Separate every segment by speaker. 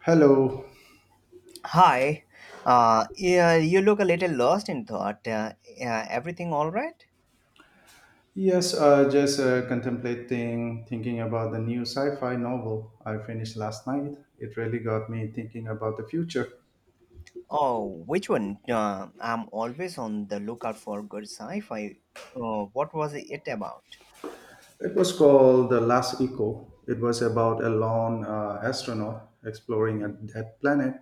Speaker 1: Hello.
Speaker 2: Hi. Yeah, you look a little lost in thought. Yeah, everything all right?
Speaker 1: Yes, just contemplating, thinking about the new sci fi novel I finished last night. It really got me thinking about the future.
Speaker 2: Oh, which one? I'm always on the lookout for good sci-fi. What was it about?
Speaker 1: It was called The Last Echo. It was about a lone astronaut exploring a dead planet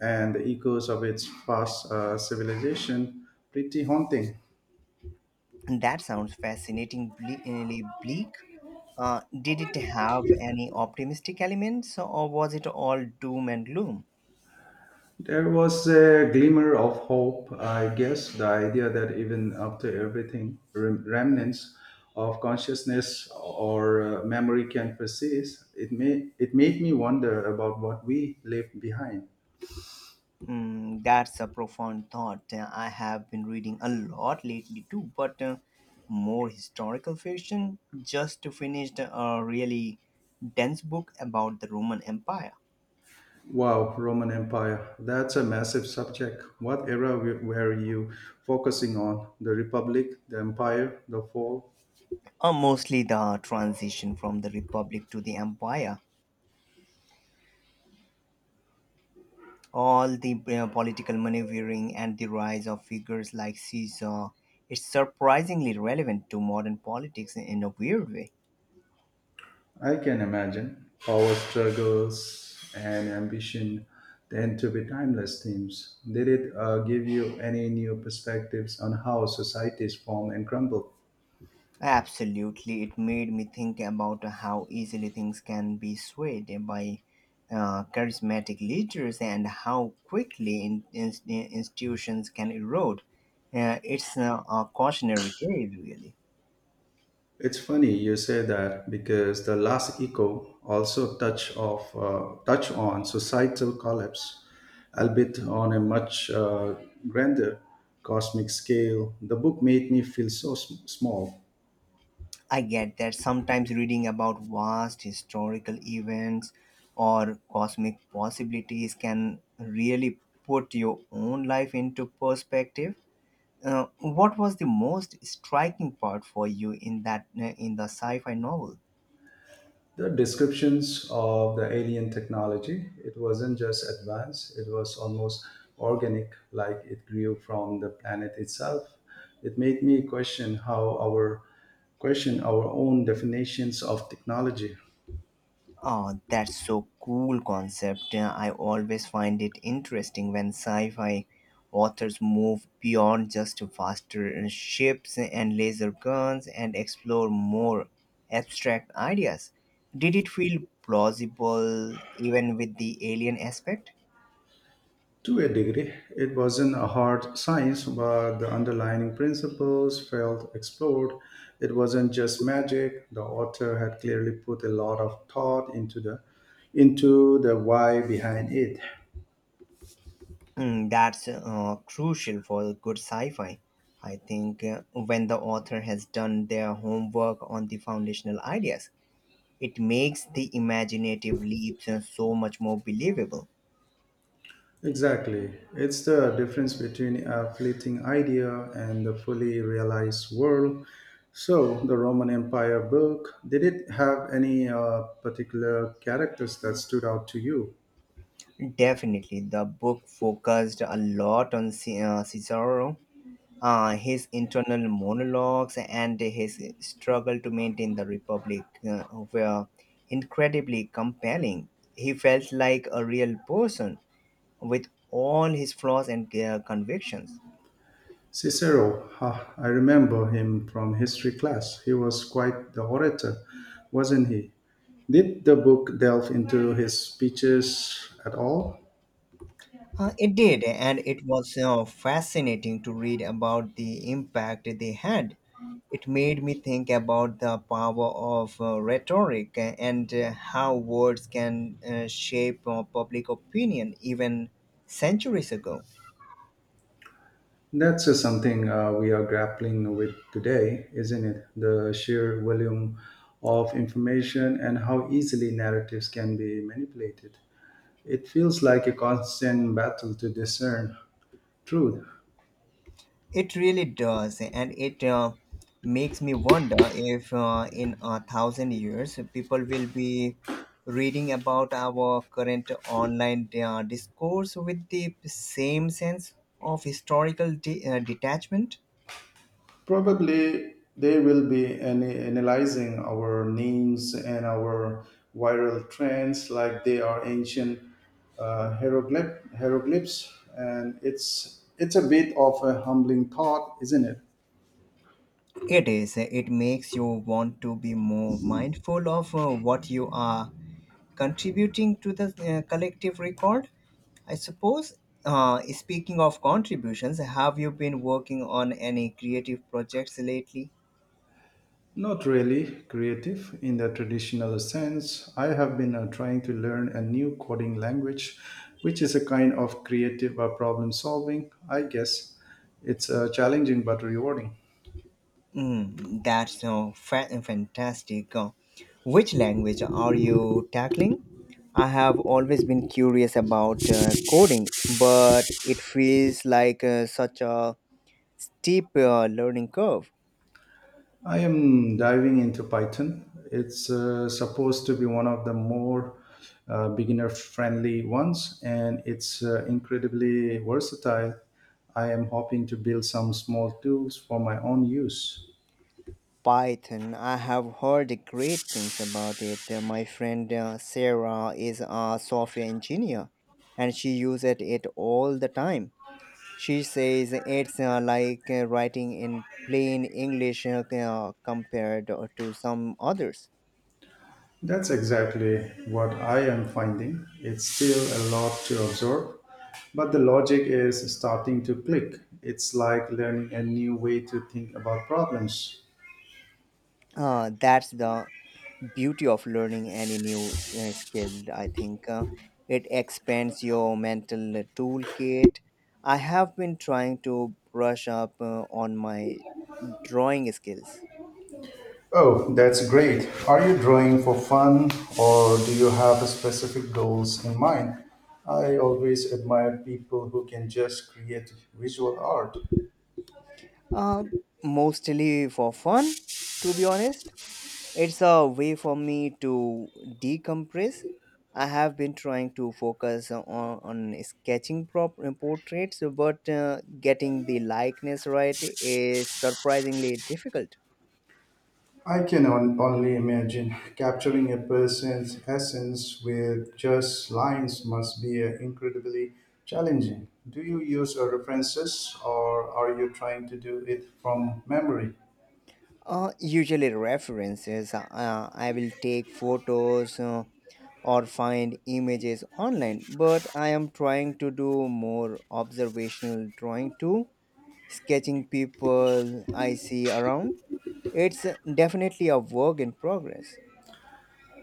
Speaker 1: and the echoes of its past civilization. Pretty haunting.
Speaker 2: That sounds fascinatingly really bleak. Did it have any optimistic elements, or was it all doom and gloom?
Speaker 1: There was a glimmer of hope, I guess, the idea that even after everything, remnants of consciousness or memory can persist. It made me wonder about what we left behind.
Speaker 2: Mm, that's a profound thought. I have been reading a lot lately too, but more historical fiction. Just finished a really dense book about the Roman Empire,
Speaker 1: Wow, Roman Empire. That's a massive subject. What era were you focusing on? The Republic, the Empire, the Fall?
Speaker 2: mostly the transition from the Republic to the Empire, all the political maneuvering and the rise of figures like Caesar. It's surprisingly relevant to modern politics in a weird way.
Speaker 1: I can imagine power struggles and ambition tend to be timeless themes. Did it give you any new perspectives on how societies form and crumble?
Speaker 2: Absolutely, it made me think about how easily things can be swayed by charismatic leaders and how quickly institutions can erode. It's a cautionary tale, really.
Speaker 1: It's funny you say that because the last echo also touch on societal collapse, albeit on a much grander cosmic scale. The book made me feel so small.
Speaker 2: I get that sometimes reading about vast historical events or cosmic possibilities can really put your own life into perspective. What was the most striking part for you in that in the sci-fi novel?
Speaker 1: The descriptions of the alien technology, it wasn't just advanced, it was almost organic, like it grew from the planet itself. It made me question our own definitions of technology.
Speaker 2: Oh, that's so cool concept. I always find it interesting when sci-fi authors move beyond just faster ships and laser guns and explore more abstract ideas. Did it feel plausible even with the alien aspect?
Speaker 1: To a degree, it wasn't a hard science, but the underlying principles felt explored. It wasn't just magic. The author had clearly put a lot of thought into the why behind it.
Speaker 2: Mm, that's crucial for good sci-fi. I think when the author has done their homework on the foundational ideas, it makes the imaginative leaps so much more believable.
Speaker 1: Exactly. It's the difference between a fleeting idea and the fully realized world. So, the Roman Empire book, did it have any particular characters that stood out to you?
Speaker 2: Definitely, the book focused a lot on Cicero, his internal monologues, and his struggle to maintain the Republic were incredibly compelling. He felt like a real person with all his flaws and convictions.
Speaker 1: Cicero, ha, I remember him from history class. He was quite the orator, wasn't he? Did the book delve into his speeches at all?
Speaker 2: It did, and it was fascinating to read about the impact they had. It made me think about the power of rhetoric and how words can shape public opinion even centuries ago.
Speaker 1: That's something we are grappling with today, isn't it? The sheer volume of information and how easily narratives can be manipulated. It feels like a constant battle to discern truth.
Speaker 2: It really does, and it makes me wonder if in a thousand years people will be reading about our current online discourse with the same sense of historical detachment.
Speaker 1: Probably they will be analyzing our names and our viral trends like they are ancient hieroglyphs, and it's a bit of a humbling thought, isn't it?
Speaker 2: It is. It makes you want to be more mindful of what you are contributing to the collective record. I suppose, speaking of contributions, have you been working on any creative projects lately?
Speaker 1: Not really creative in the traditional sense. I have been trying to learn a new coding language, which is a kind of creative problem solving, I guess. It's challenging but rewarding.
Speaker 2: Mm, that's fantastic. Which language are you tackling? I have always been curious about coding, but it feels like such a steep learning curve.
Speaker 1: I am diving into Python. It's supposed to be one of the more beginner friendly ones, and it's incredibly versatile. I am hoping to build some small tools for my own use.
Speaker 2: Python. I have heard great things about it. My friend Sarah is a software engineer and she uses it all the time. She says it's like writing in plain English compared to some others.
Speaker 1: That's exactly what I am finding. It's still a lot to absorb, but the logic is starting to click. It's like learning a new way to think about problems.
Speaker 2: That's the beauty of learning any new skill I think, it expands your mental toolkit. I have been trying to brush up on my drawing skills,
Speaker 1: Oh, that's great. Are you drawing for fun or do you have specific goals in mind? I always admire people who can just create visual art.
Speaker 2: uh, mostly for fun, to be honest. It's a way for me to decompress. I have been trying to focus on sketching portraits, but getting the likeness right is surprisingly difficult.
Speaker 1: I can only imagine capturing a person's essence with just lines must be incredibly challenging. Do you use references or are you trying to do it from memory?
Speaker 2: Usually references. I will take photos or find images online, but I am trying to do more observational drawing too, sketching people I see around. It's definitely a work in progress.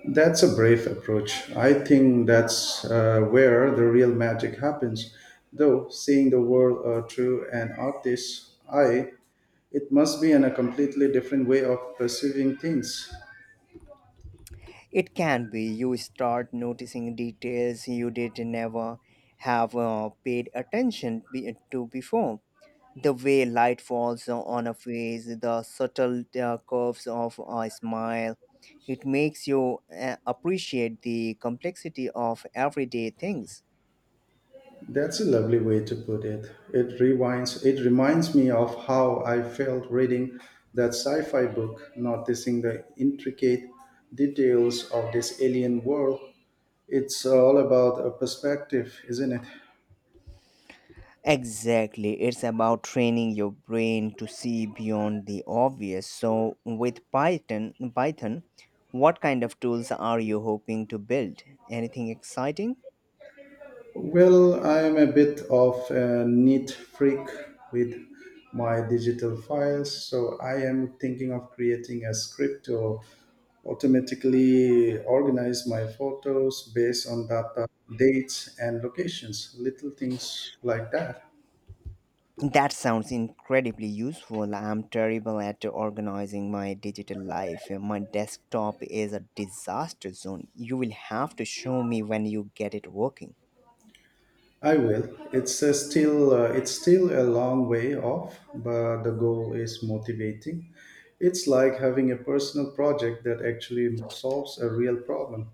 Speaker 1: That's a brave approach. I think that's where the real magic happens. Though seeing the world through an artist's eye, it must be in a completely different way of perceiving things.
Speaker 2: It can be, you start noticing details you did never have paid attention to before, the way light falls on a face, the subtle curves of a smile. It makes you appreciate the complexity of everyday things.
Speaker 1: That's a lovely way to put it. It rewinds it reminds me of how I felt reading that sci-fi book, noticing the intricate details of this alien world. It's all about a perspective, isn't it?
Speaker 2: Exactly, it's about training your brain to see beyond the obvious. So, with Python, what kind of tools are you hoping to build? Anything exciting?
Speaker 1: Well, I am a bit of a neat freak with my digital files, so I am thinking of creating a script to automatically organize my photos based on data, dates, and locations, little things like that.
Speaker 2: That sounds incredibly useful. I'm terrible at organizing my digital life. My desktop is a disaster zone. You will have to show me when you get it working.
Speaker 1: I will. It's still a long way off, but the goal is motivating. It's like having a personal project that actually solves a real problem.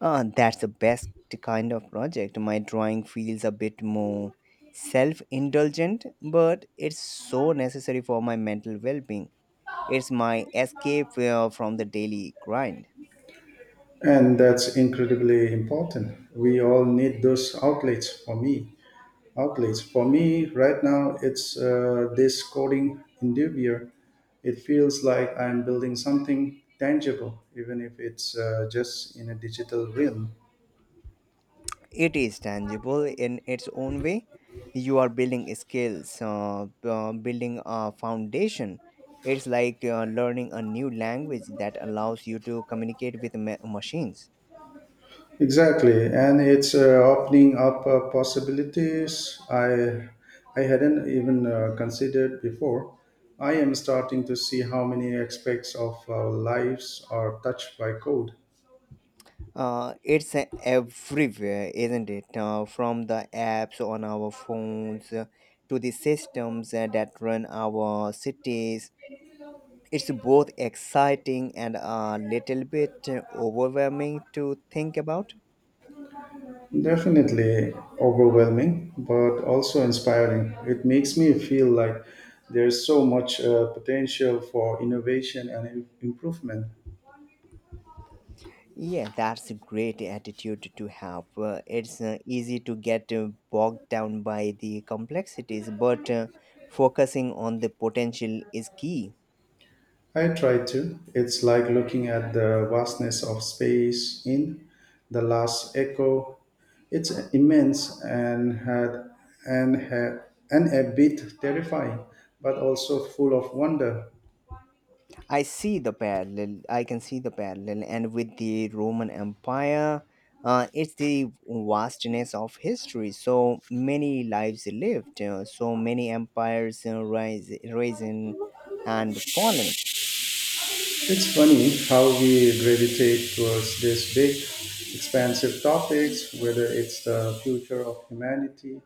Speaker 2: That's the best kind of project. My drawing feels a bit more self indulgent, but it's so necessary for my mental well being. It's my escape from the daily grind.
Speaker 1: And that's incredibly important. We all need those outlets for me right now. It's this coding endeavor. It feels like I'm building something tangible, even if it's just in a digital realm.
Speaker 2: It is tangible in its own way. You are building skills, building a foundation. It's like learning a new language that allows you to communicate with machines.
Speaker 1: Exactly, and it's opening up possibilities I hadn't even considered before. I am starting to see how many aspects of our lives are touched by code.
Speaker 2: It's everywhere, isn't it? From the apps on our phones to the systems that run our cities. It's both exciting and a little bit overwhelming to think about.
Speaker 1: Definitely overwhelming, but also inspiring. It makes me feel like there's so much potential for innovation and improvement.
Speaker 2: Yeah, that's a great attitude to have. It's easy to get bogged down by the complexities, but focusing on the potential is key.
Speaker 1: I try to. It's like looking at the vastness of space in The Last Echo. It's immense and and ha- and a bit terrifying, but also full of wonder.
Speaker 2: I can see the parallel, and with the Roman Empire, it's the vastness of history. So many lives lived, so many empires risen, and fallen.
Speaker 1: It's funny how we gravitate towards these big, expansive topics, whether it's the future of humanity,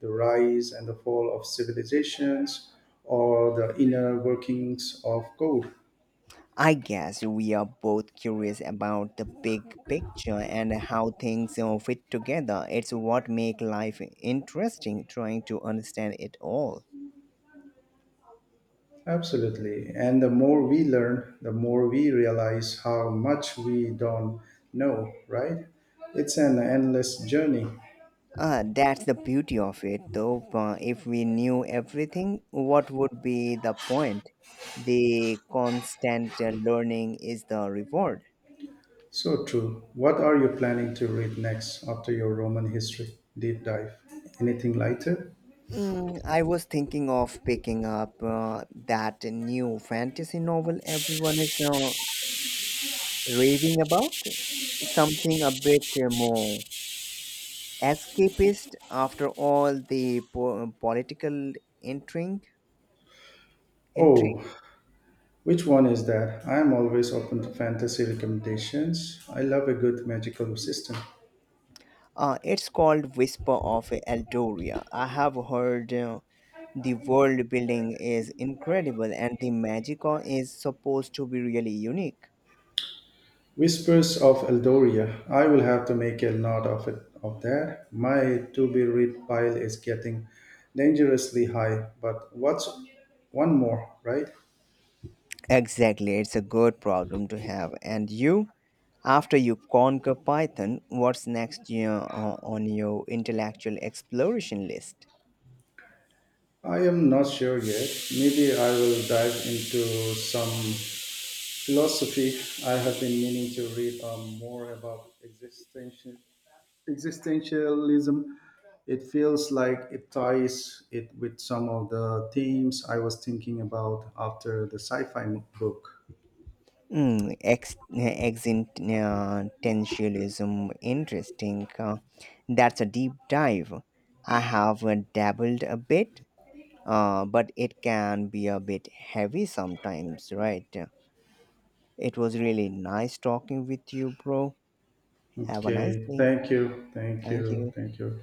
Speaker 1: the rise and the fall of civilizations, or the inner workings of code.
Speaker 2: I guess we are both curious about the big picture and how things fit together. It's what makes life interesting, trying to understand it all.
Speaker 1: Absolutely. And the more we learn, the more we realize how much we don't know, right? It's an endless journey.
Speaker 2: That's the beauty of it, though. If we knew everything, what would be the point? The constant learning is the reward.
Speaker 1: So true. What are you planning to read next after your Roman history deep dive? Anything lighter?
Speaker 2: Mm, I was thinking of picking up that new fantasy novel everyone is raving about. Something a bit more escapist after all the political intrigue. intrigue.
Speaker 1: Oh, which one is that? I'm always open to fantasy recommendations. I love a good magical system.
Speaker 2: It's called Whisper of Eldoria. I have heard the world building is incredible and the magic is supposed to be really unique.
Speaker 1: Whispers of Eldoria. I will have to make a note of that. My to be read pile is getting dangerously high, but what's one more, right?
Speaker 2: Exactly, it's a good problem to have. And you, after you conquer Python, what's next year on your intellectual exploration list?
Speaker 1: I am not sure yet. Maybe I will dive into some philosophy. I have been meaning to read more about existentialism. It feels like it ties it with some of the themes I was thinking about after the sci-fi book.
Speaker 2: Mm, existentialism, interesting. That's a deep dive. I have dabbled a bit, but it can be a bit heavy sometimes, right? It was really nice talking with you, bro. Have a nice
Speaker 1: Okay.
Speaker 2: day.
Speaker 1: Thank you. Thank
Speaker 2: Thank
Speaker 1: you.
Speaker 2: you.
Speaker 1: Thank you.